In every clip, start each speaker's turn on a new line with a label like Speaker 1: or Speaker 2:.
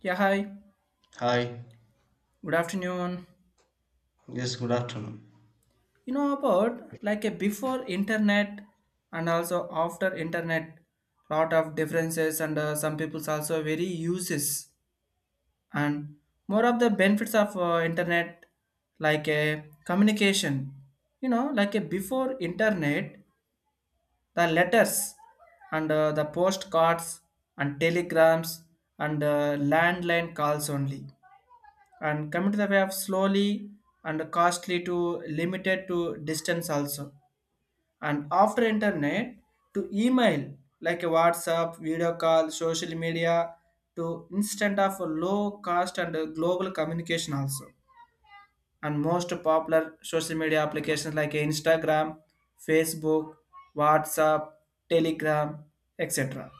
Speaker 1: Yeah, hi.
Speaker 2: Hi,
Speaker 1: Good afternoon.
Speaker 2: yes, good afternoon.
Speaker 1: You know about like a before internet and also after internet, lot of differences, and some people's also very uses, and more of the benefits of internet like a communication. Like a before internet, the letters and the postcards and telegrams and landline calls only, and coming to the way of slowly and costly to limited to distance also. And after internet, to email like a WhatsApp video call, social media, to instant of low cost and global communication also. And most popular social media applications like Instagram, Facebook, WhatsApp, Telegram, etc.,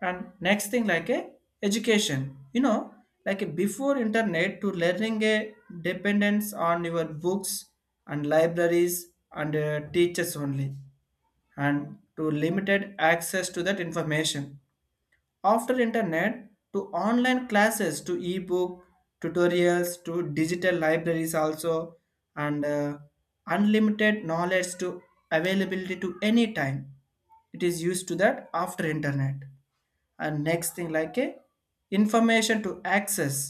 Speaker 1: and next thing like a education. Like a before internet, to learning a dependence on your books and libraries and teachers only, and to limited access to that information. After internet, to online classes, to ebook tutorials, to digital libraries also, and unlimited knowledge to availability to any time. It is used to that after internet. And next thing like a information to access.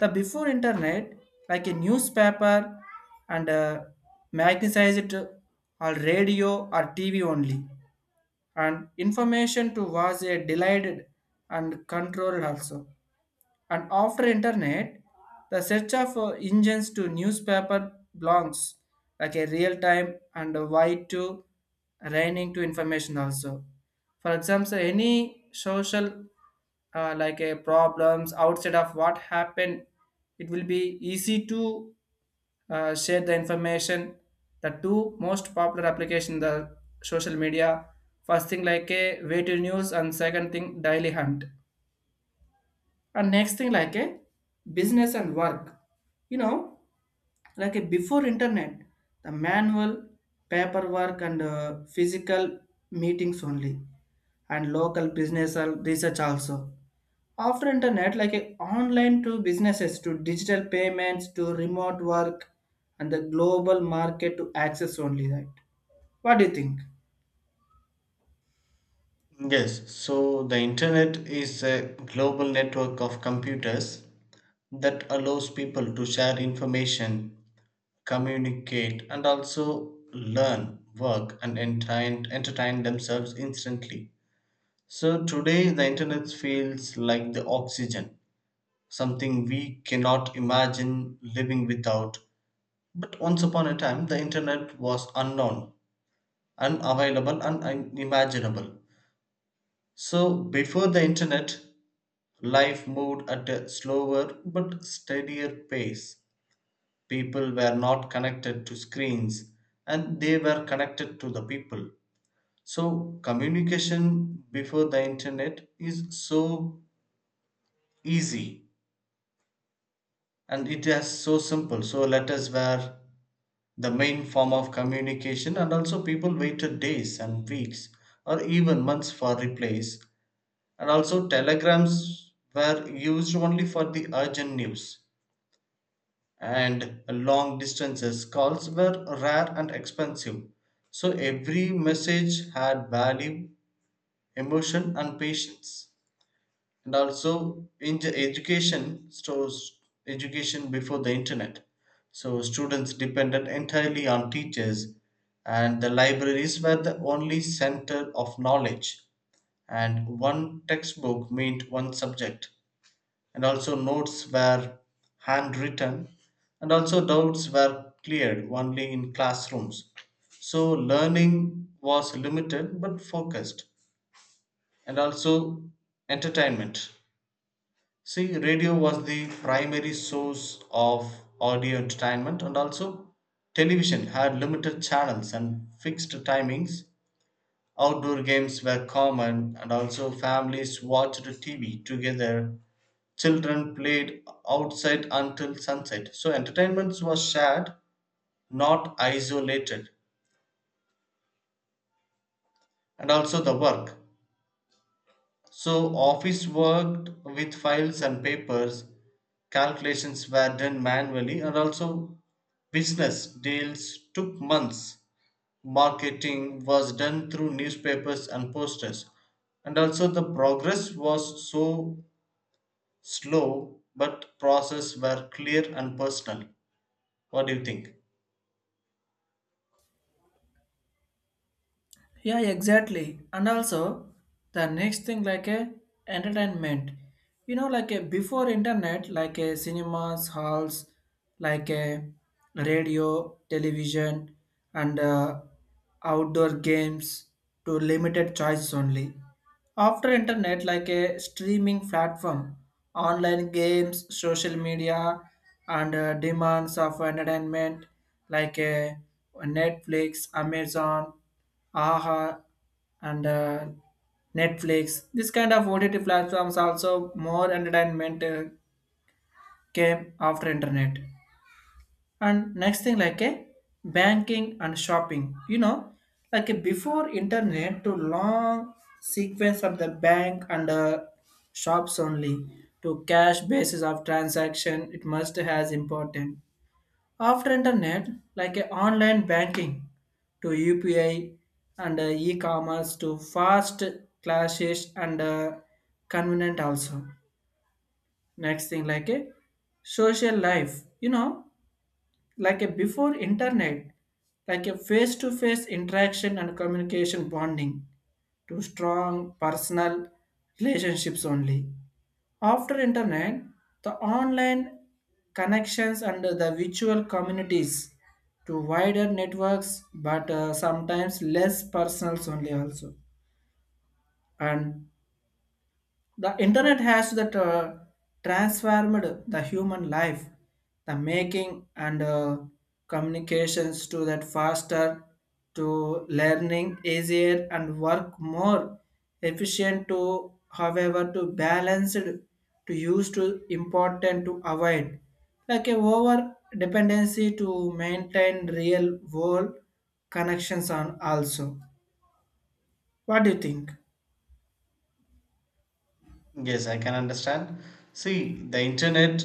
Speaker 1: The before internet, like a newspaper and magnetized or radio or TV only, and information to was a delayed and controlled also. And after internet, the search of engines to newspaper blogs, like a real time and a wide to raining to information also. For example, any social like a problems outside of what happened, it will be easy to share the information. The two most popular application the social media: first thing like a way to news and second thing daily hunt. And next thing like a business and work. you know like a before internet, the manual paperwork and physical meetings only, and local business and research also. After internet, like a online to businesses to digital payments to remote work, and the global market to access only, right? What do you think?
Speaker 2: Yes, so the internet is a global network of computers that allows people to share information, communicate, and also learn, work, and entertain themselves instantly. So today, the internet feels like the oxygen, something we cannot imagine living without. But once upon a time, the internet was unknown, unavailable, and unimaginable. So before the internet, life moved at a slower but steadier pace. People were not connected to screens and they were connected to the people. So communication before the internet is so easy and it is so simple. So letters were the main form of communication and also people waited days and weeks or even months for replies, and also telegrams were used only for the urgent news and long distances calls were rare and expensive, so every message had value, emotion and patience. And also in the education stores, education before the internet, so students depended entirely on teachers and the libraries were the only center of knowledge, and one textbook meant one subject, and also notes were handwritten, and also doubts were cleared only in classrooms. So learning was limited but focused. And also entertainment, see radio was the primary source of audio entertainment, and also television had limited channels and fixed timings. Outdoor games were common and also families watched tv together. Children played outside until sunset. So entertainments was shared, not isolated. And also the work. So office worked with files and papers. Calculations were done manually and also business deals took months. Marketing was done through newspapers and posters. And also the progress was so slow, but process were clear and personal. What do you think?
Speaker 1: Yeah, exactly. And also, the next thing like a entertainment. Like a before internet, like a cinemas, halls, like a radio, television, and outdoor games to limited choices only. After internet, like a streaming platform, online games, social media, and demands of entertainment like a Netflix, Amazon, aha, and Netflix, this kind of OTT platforms also, more entertainment came after internet. And next thing like a banking and shopping. you know like a before internet, to long sequence of the bank and shops only, to cash basis of transaction, it must has important. After internet, like a online banking to UPI and e-commerce to fast classes and convenient also. Next thing like a social life. Like a before internet, like a face-to-face interaction and communication bonding to strong personal relationships only. After internet, the online connections and the virtual communities to wider networks, but sometimes less personals only also. And the internet has that transformed the human life, the making and communications to that faster, to learning easier and work more efficient, to however to balance it, to use to important to avoid like a over dependency to maintain real world connections on also. What do you think?
Speaker 2: Yes, I can understand. See, the internet,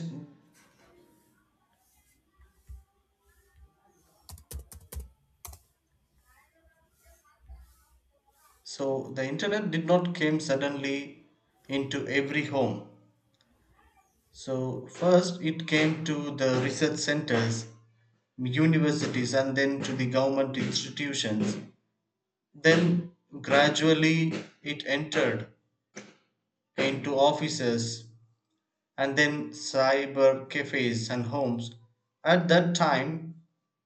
Speaker 2: so the internet did not came suddenly into every home. So first it came to the research centers, universities, and then to the government institutions. Then gradually it entered into offices and then cyber cafes and homes. At that time,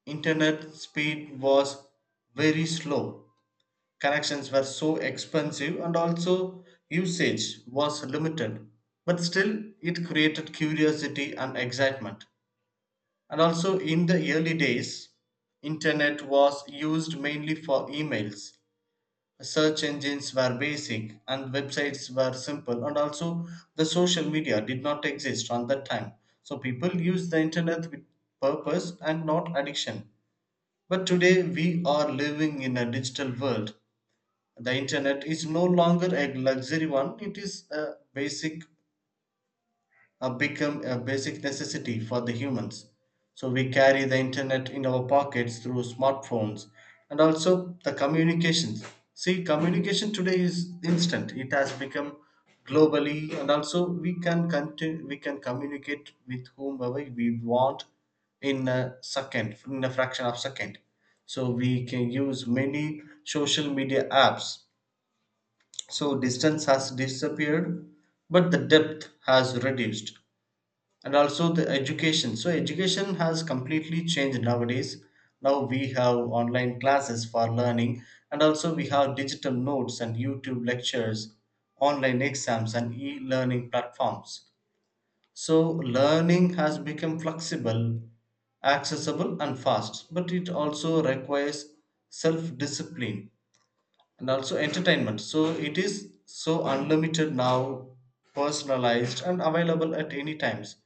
Speaker 2: internet speed was very slow. Connections were so expensive and also usage was limited, but still it created curiosity and excitement. And also in the early days, internet was used mainly for emails. Search engines were basic and websites were simple, and also the social media did not exist on that time. So people used the internet with purpose and not addiction. But today we are living in a digital world, the internet is no longer a luxury one, it is a basic, a become a basic necessity for the humans. So we carry the internet in our pockets through smartphones, and also the communications, see communication today is instant, it has become globally, and also we can continue, we can communicate with whomever we want in a second, in a fraction of second. So we can use many social media apps. So distance has disappeared, but the depth has reduced. And also the education. So education has completely changed nowadays. Now we have online classes for learning, and also we have digital notes and YouTube lectures, online exams, and e learning platforms. So learning has become flexible, accessible, and fast, but it also requires self discipline. And also entertainment. So it is so unlimited now, personalized and available at any times.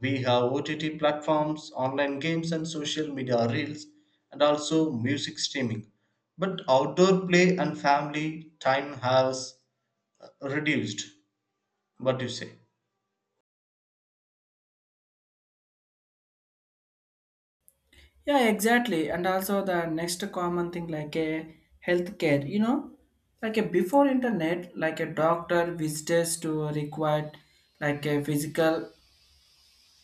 Speaker 2: We have OTT platforms, online games and social media reels, and also music streaming. But outdoor play and family time has reduced. What do you say?
Speaker 1: Yeah, exactly. And also the next common thing like a healthcare. Like a before internet, like a doctor visitors to required like a physical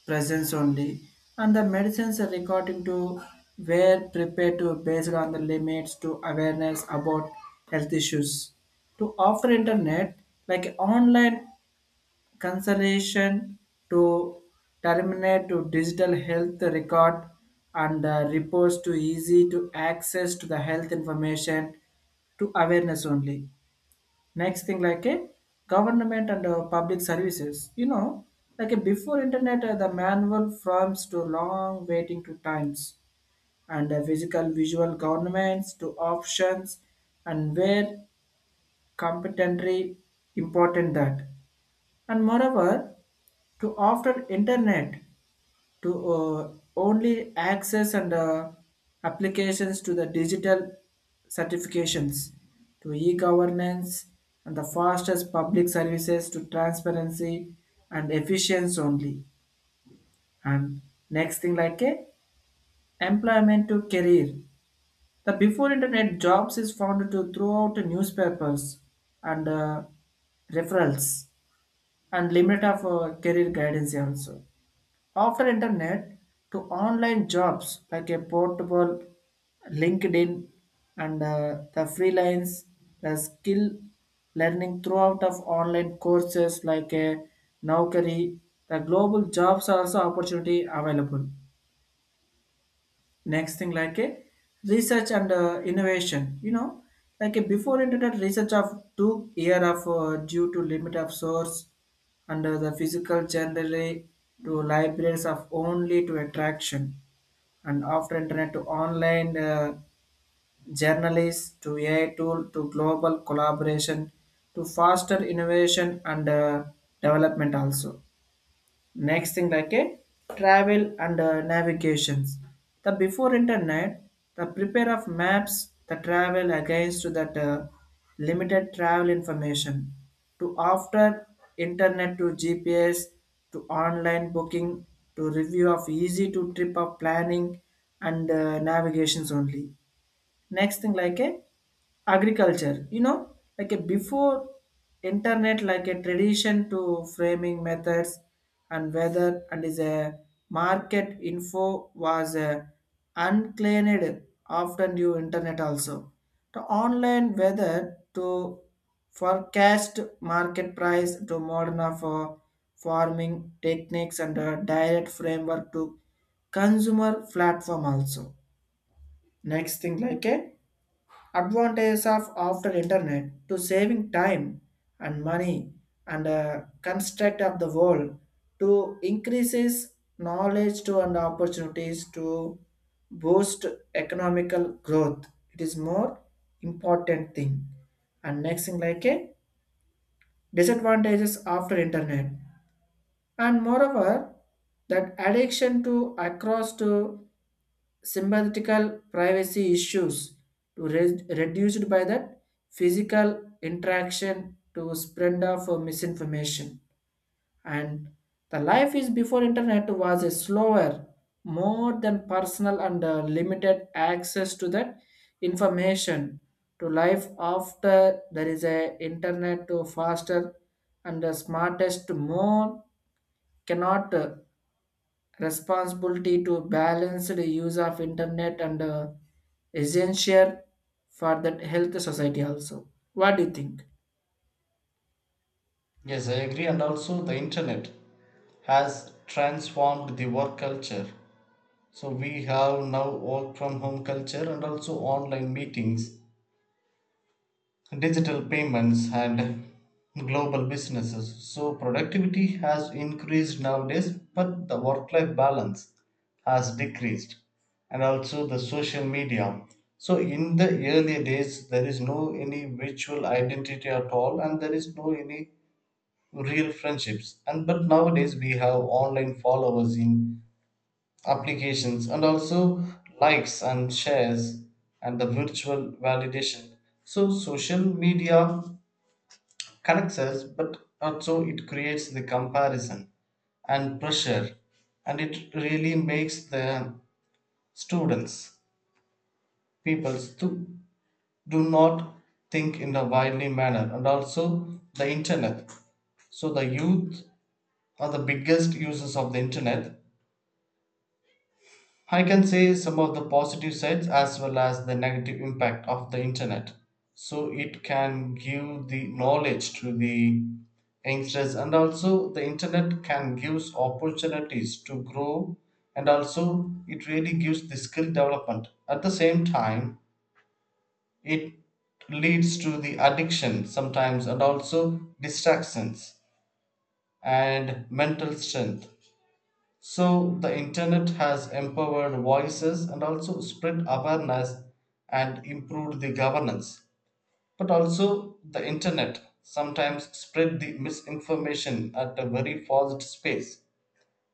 Speaker 1: presence only, and the medicines are according to were prepared to based on the limits to awareness about health issues. To offer internet, like online consolation to terminate to digital health record and reports to easy to access to the health information to awareness only. Next thing like a government and public services. Like a before internet, the manual forms to long waiting to times and physical visual governments to options, and where competently important that. And moreover, to after internet, to only access and applications to the digital certifications to e-governance and the fastest public services to transparency and efficiency only. And next thing like a employment to career. The before internet, jobs is found to throughout the newspapers and referrals and limit of career guidance also. After internet to online jobs like a portable LinkedIn and the freelance, the skill learning throughout of online courses like a Naukari, the global jobs are also opportunity available. Next thing like a research and innovation. Like a before internet, research of took year of due to limit of source and the physical generally to libraries of only to attraction. And after internet, to online journalists to AI tool to global collaboration to faster innovation and development also. Next thing like a travel and navigations. The before internet, the prepare of maps the travel against to that limited travel information. To after internet to GPS, to online booking, to review of easy to trip of planning and navigations only. Next thing like a agriculture. Like a before internet, like a tradition to framing methods and weather and is a market info was a uncleaned often due internet also. The online weather to forecast market price to modern for farming techniques and a direct framework to consumer platform also. Next thing like a advantages of after internet: to saving time and money and construct of the world to increases knowledge to and opportunities to boost economical growth. It is more important thing. And next thing like a disadvantages after internet. And moreover, that addiction to across to symbiotical privacy issues to reduced by that physical interaction to spread of misinformation. And the life is before internet was a slower, more than personal and limited access to that information. To life after there is a internet to faster and the smartest, more cannot responsibility to balance the use of internet and essential for that health society also. What do you think?
Speaker 2: Yes, I agree. And also, the internet has transformed the work culture. So, we have now work from home culture and also online meetings, digital payments and global businesses. So productivity has increased nowadays, but the work life balance has decreased. And also the social media. So in the earlier days, there is no any virtual identity at all, and there is no any real friendships. And but nowadays we have online followers in applications, and also likes and shares, and the virtual validation. So social media connects us, but also it creates the comparison and pressure, and it really makes the students, people's, to do not think in a widely manner. And also the internet. So the youth are the biggest users of the internet, I can say some of the positive sides as well as the negative impact of the internet. So it can give the knowledge to the youngsters, and also the internet can give opportunities to grow, and also it really gives the skill development. At the same time, it leads to the addiction sometimes, and also distractions and mental strength. So the internet has empowered voices and also spread awareness and improved the governance. But also the internet sometimes spread the misinformation at a very fast space,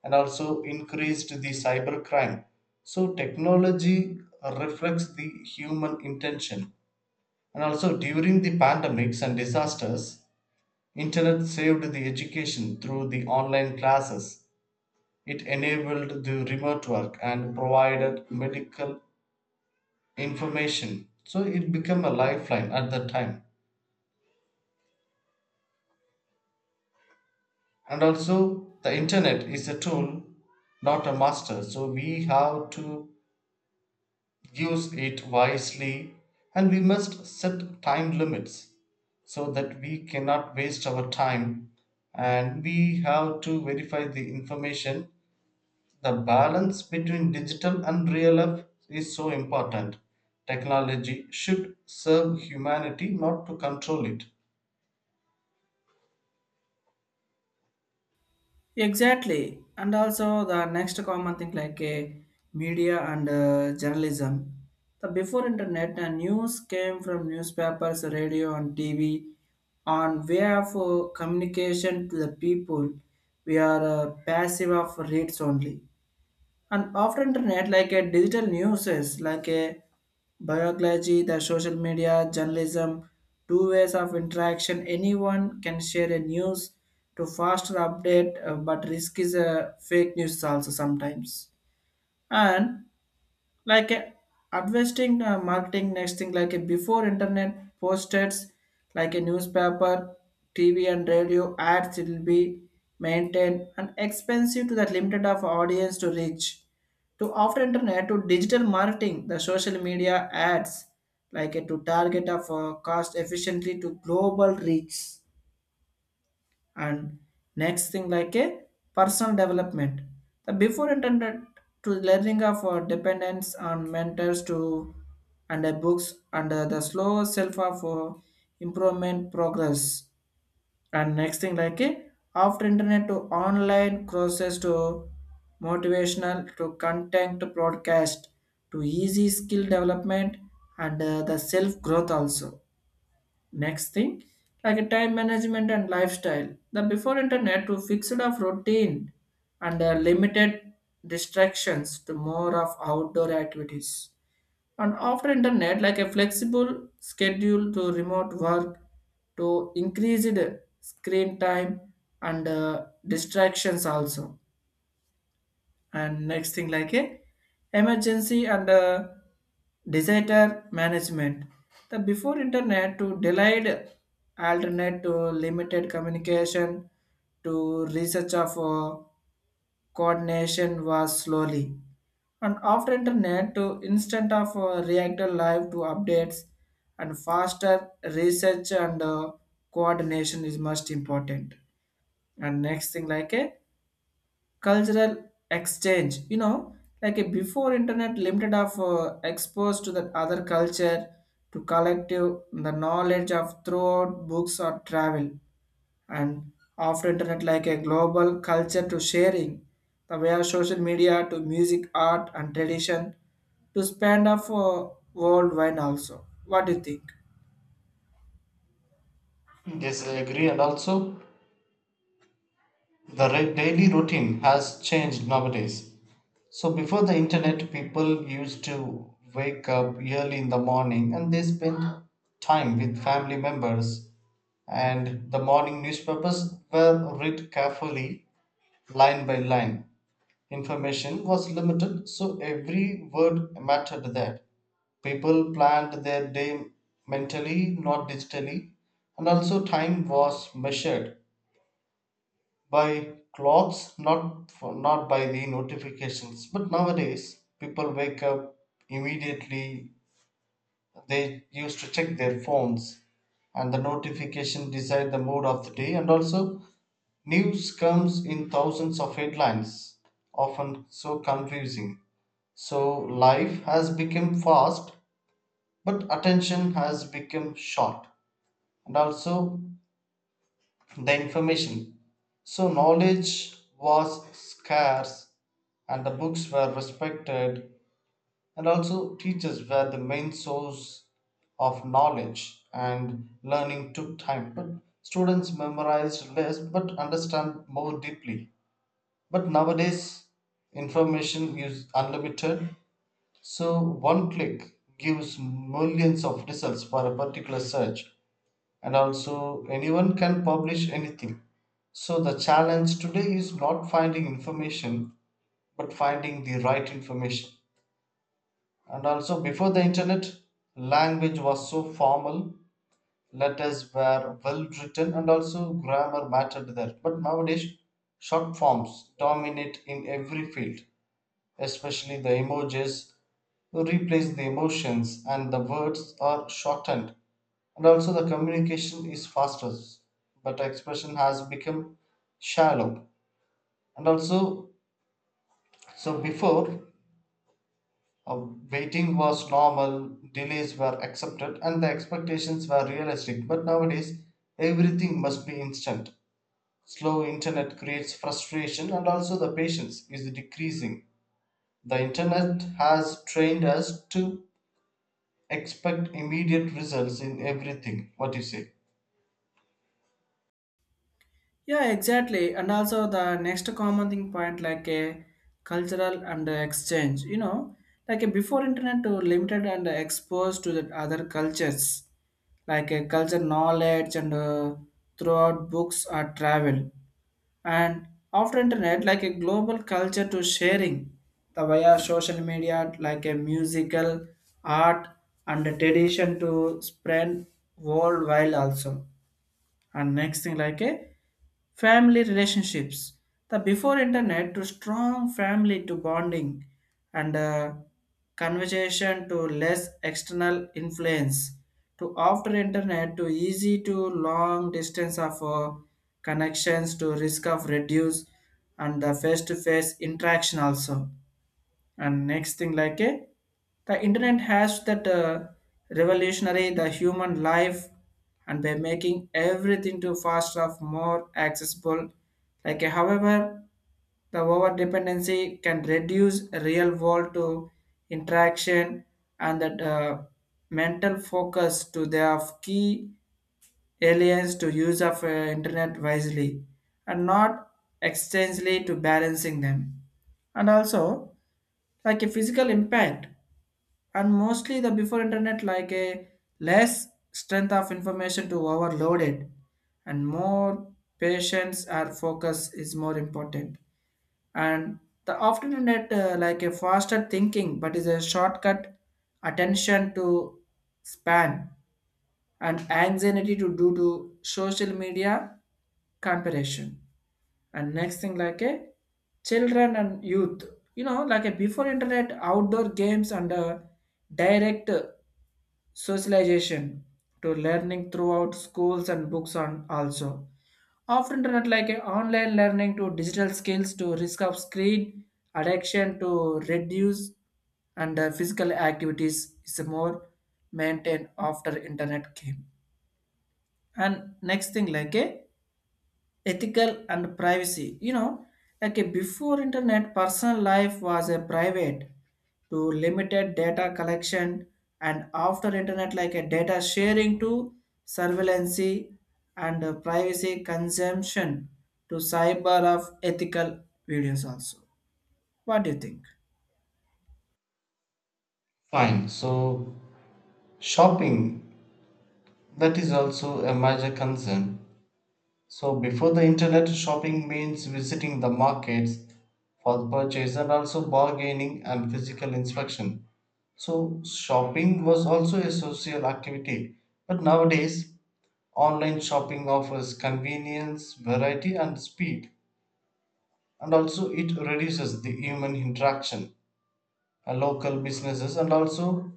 Speaker 2: and also increased the cybercrime. So technology reflects the human intention. And also during the pandemics and disasters, internet saved the education through the online classes, it enabled the remote work and provided medical information. So it became a lifeline at that time. And also, the internet is a tool, not a master. So we have to use it wisely and we must set time limits so that we cannot waste our time, and we have to verify the information. The balance between digital and real life is so important. Technology should serve humanity, not to control it.
Speaker 1: Exactly. And also the next common thing like a media and journalism. The before internet, the news came from newspapers, radio and TV on way of communication to the people. We are passive of reads only. And after internet, like a digital news is like a biology, the social media journalism, two ways of interaction, anyone can share a news to faster update, but risk is a fake news also sometimes. And like investing marketing next thing like before internet: posters like a newspaper, TV and radio ads, it will be maintained and expensive to that limited of audience to reach. To after internet, to digital marketing, the social media ads like to target of cost efficiently to global reach. And next thing like a personal development. The before intended to learning of dependence on mentors to and books and the slow self of improvement progress. And next thing like a after internet to online courses to motivational to content to broadcast to easy skill development and the self growth also. Next thing, like a time management and lifestyle. The before internet, to fixed of routine and limited distractions to more of outdoor activities. And after internet, like a flexible schedule to remote work to increased screen time and distractions also. And next thing like a emergency and disaster management. The before internet to delayed alternate to limited communication to research of coordination was slowly. And after internet, to instant of reactor live to updates and faster research and coordination is most important. And next thing like a cultural exchange. Like a before internet, limited of exposed to the other culture, to collective the knowledge of throughout books or travel. And after internet, like a global culture to sharing the way of social media to music, art and tradition to span of worldwide also. What do you think?
Speaker 2: Yes, I agree. And also, the daily routine has changed nowadays. So, before the internet, people used to wake up early in the morning and they spent time with family members. And the morning newspapers were read carefully, line by line. Information was limited, so every word mattered there. People planned their day mentally, not digitally, and also time was measured by clocks, not by the notifications. But nowadays, people wake up immediately. They used to check their phones, and the notification decide the mood of the day. And also, news comes in thousands of headlines, often so confusing. So life has become fast, but attention has become short. And also the information. So knowledge was scarce, and the books were respected, and also teachers were the main source of knowledge, and learning took time. But students memorized less but understand more deeply. But nowadays, information is unlimited. So one click gives millions of results for a particular search, and also anyone can publish anything. So the challenge today is not finding information, but finding the right information. And also before the internet, language was so formal, letters were well written, and also grammar mattered there. But nowadays, short forms dominate in every field. Especially the emojis replace the emotions and the words are shortened, and also the communication is faster but expression has become shallow. And also, so before uh, waiting was normal, delays were accepted and the expectations were realistic, but nowadays everything must be instant. Slow internet creates frustration, and also the patience is decreasing. The internet has trained us to expect immediate results in everything. What do you say?
Speaker 1: Yeah, exactly. And also the next common thing point like a cultural and exchange. Like a before internet, to limited and exposed to the other cultures, like a culture knowledge and throughout books or travel. And after internet, like a global culture to sharing the via social media, like a musical, art and a tradition to spread worldwide also. And next thing like a family relationships. The before internet, to strong family to bonding and conversation to less external influence. To after internet, to easy to long distance of connections to risk of reduce and the face to face interaction also. And next thing like a the internet has that revolutionary the human life and by making everything to faster of more accessible, like however the over dependency can reduce real world to interaction and that mental focus to their key aliens to use of internet wisely and not extensively to balancing them. And also like a physical impact. And mostly the before internet, like a less strength of information to overloaded and more patience or focus is more important. And the often internet like a faster thinking but is a shortcut attention to span and anxiety to due to social media comparison. And next thing like a children and youth. Like a before internet, outdoor games and direct socialization to learning throughout schools and books on also. After internet, like a online learning to digital skills to risk of screen addiction to reduce and physical activities is more maintained after internet came. And next thing like a ethical and privacy. Like a before internet, personal life was a private to limited data collection. And after internet, like a data sharing to surveillance and privacy consumption to cyber of ethical videos also. What do you think?
Speaker 2: Fine. So, shopping, that is also a major concern. So, before the internet, shopping means visiting the markets for the purchase and also bargaining and physical inspection. So, shopping was also a social activity. But nowadays, online shopping offers convenience, variety, and speed. And also, it reduces the human interaction. Local businesses and also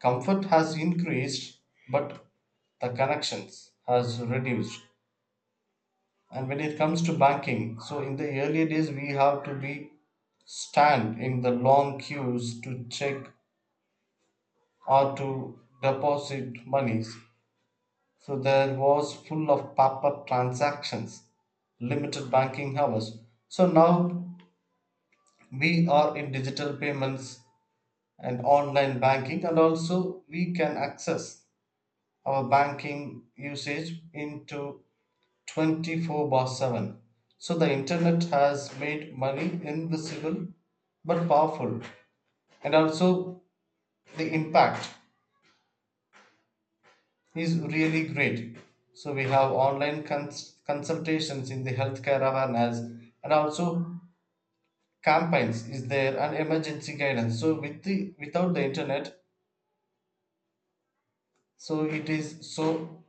Speaker 2: comfort has increased, but the connections has reduced. And when it comes to banking, so in the earlier days we have to be stand in the long queues to check or to deposit monies. So there was full of paper transactions, limited banking hours. So now we are in digital payments and online banking, and also we can access our banking usage into 24/7. So the internet has made money invisible but powerful. And also the impact is really great. So we have online consultations in the healthcare awareness, and also campaigns is there and emergency guidance. So with the without the internet, so it is so,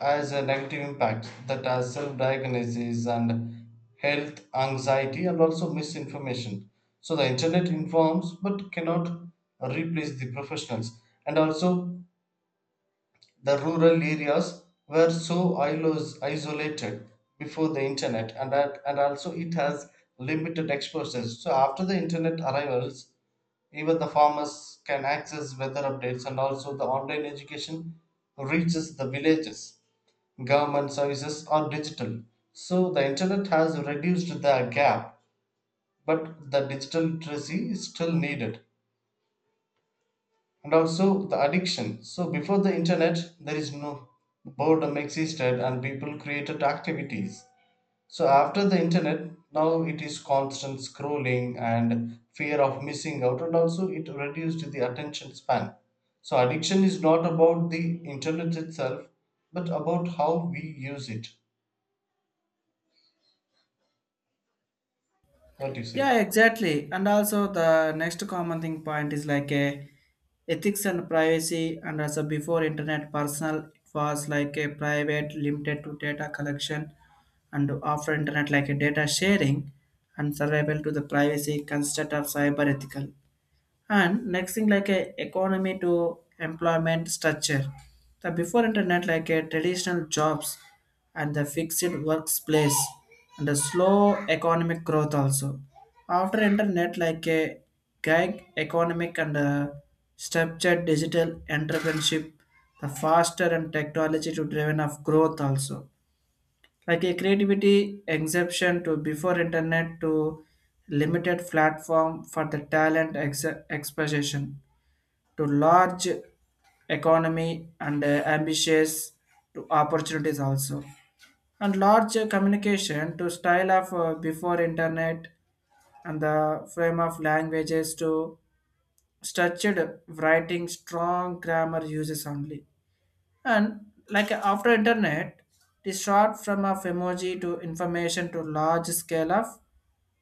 Speaker 2: as a negative impact that has self-diagnosis and health anxiety and also misinformation. So the internet informs but cannot replace the professionals. And also the rural areas were so isolated before the internet and that, and also it has limited exposures. So after the internet arrivals, even the farmers can access weather updates, and also the online education reaches the villages, government services are digital. So the internet has reduced the gap, but the digital literacy is still needed. And also the addiction. So before the internet, there is no boredom existed and people created activities. So after the internet, now it is constant scrolling and fear of missing out, and also it reduced the attention span. So addiction is not about the internet itself, but about how we use it. What do you say?
Speaker 1: Yeah, exactly. And also the next common thing point is like a ethics and privacy. And also before internet, personal it was like a private limited to data collection. And after internet, like a data sharing and survival to the privacy construct of cyber ethical. And next thing like a economy to employment structure. The before internet, like a traditional jobs and the fixed workplace and the slow economic growth also. After internet, like a gig economic and structured digital entrepreneurship, the faster and technology to driven of growth also. Like a creativity exception to before internet to limited platform for the talent expression to large economy and ambitious to opportunities also. And large communication to style of before internet and the frame of languages to structured writing strong grammar uses only. And like after internet, the short form of emoji to information to large scale of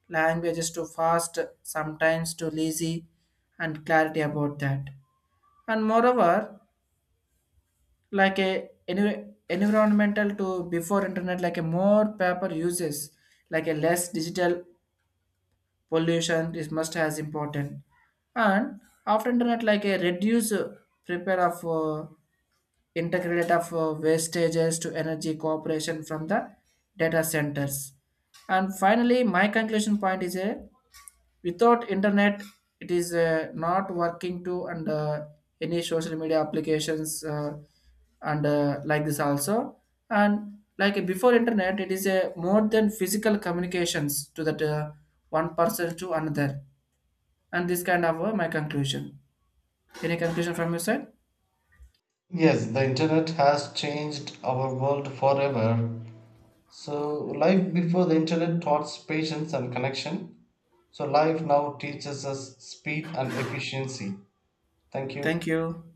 Speaker 1: languages to fast, sometimes to lazy, and clarity about that. And moreover, like a environmental to before internet, like a more paper uses, like a less digital pollution is must as important. And after internet, like a reduce prepare of integrate of wastages to energy cooperation from the data centers. And finally, my conclusion point is a without internet, it is not working to and any social media applications and like this also. And like before internet, it is a more than physical communications to that one person to another. And this kind of my conclusion. Any conclusion from your side?
Speaker 2: Yes, the internet has changed our world forever. So, life before the internet taught us patience and connection. So, life now teaches us speed and efficiency. Thank you.
Speaker 1: Thank you.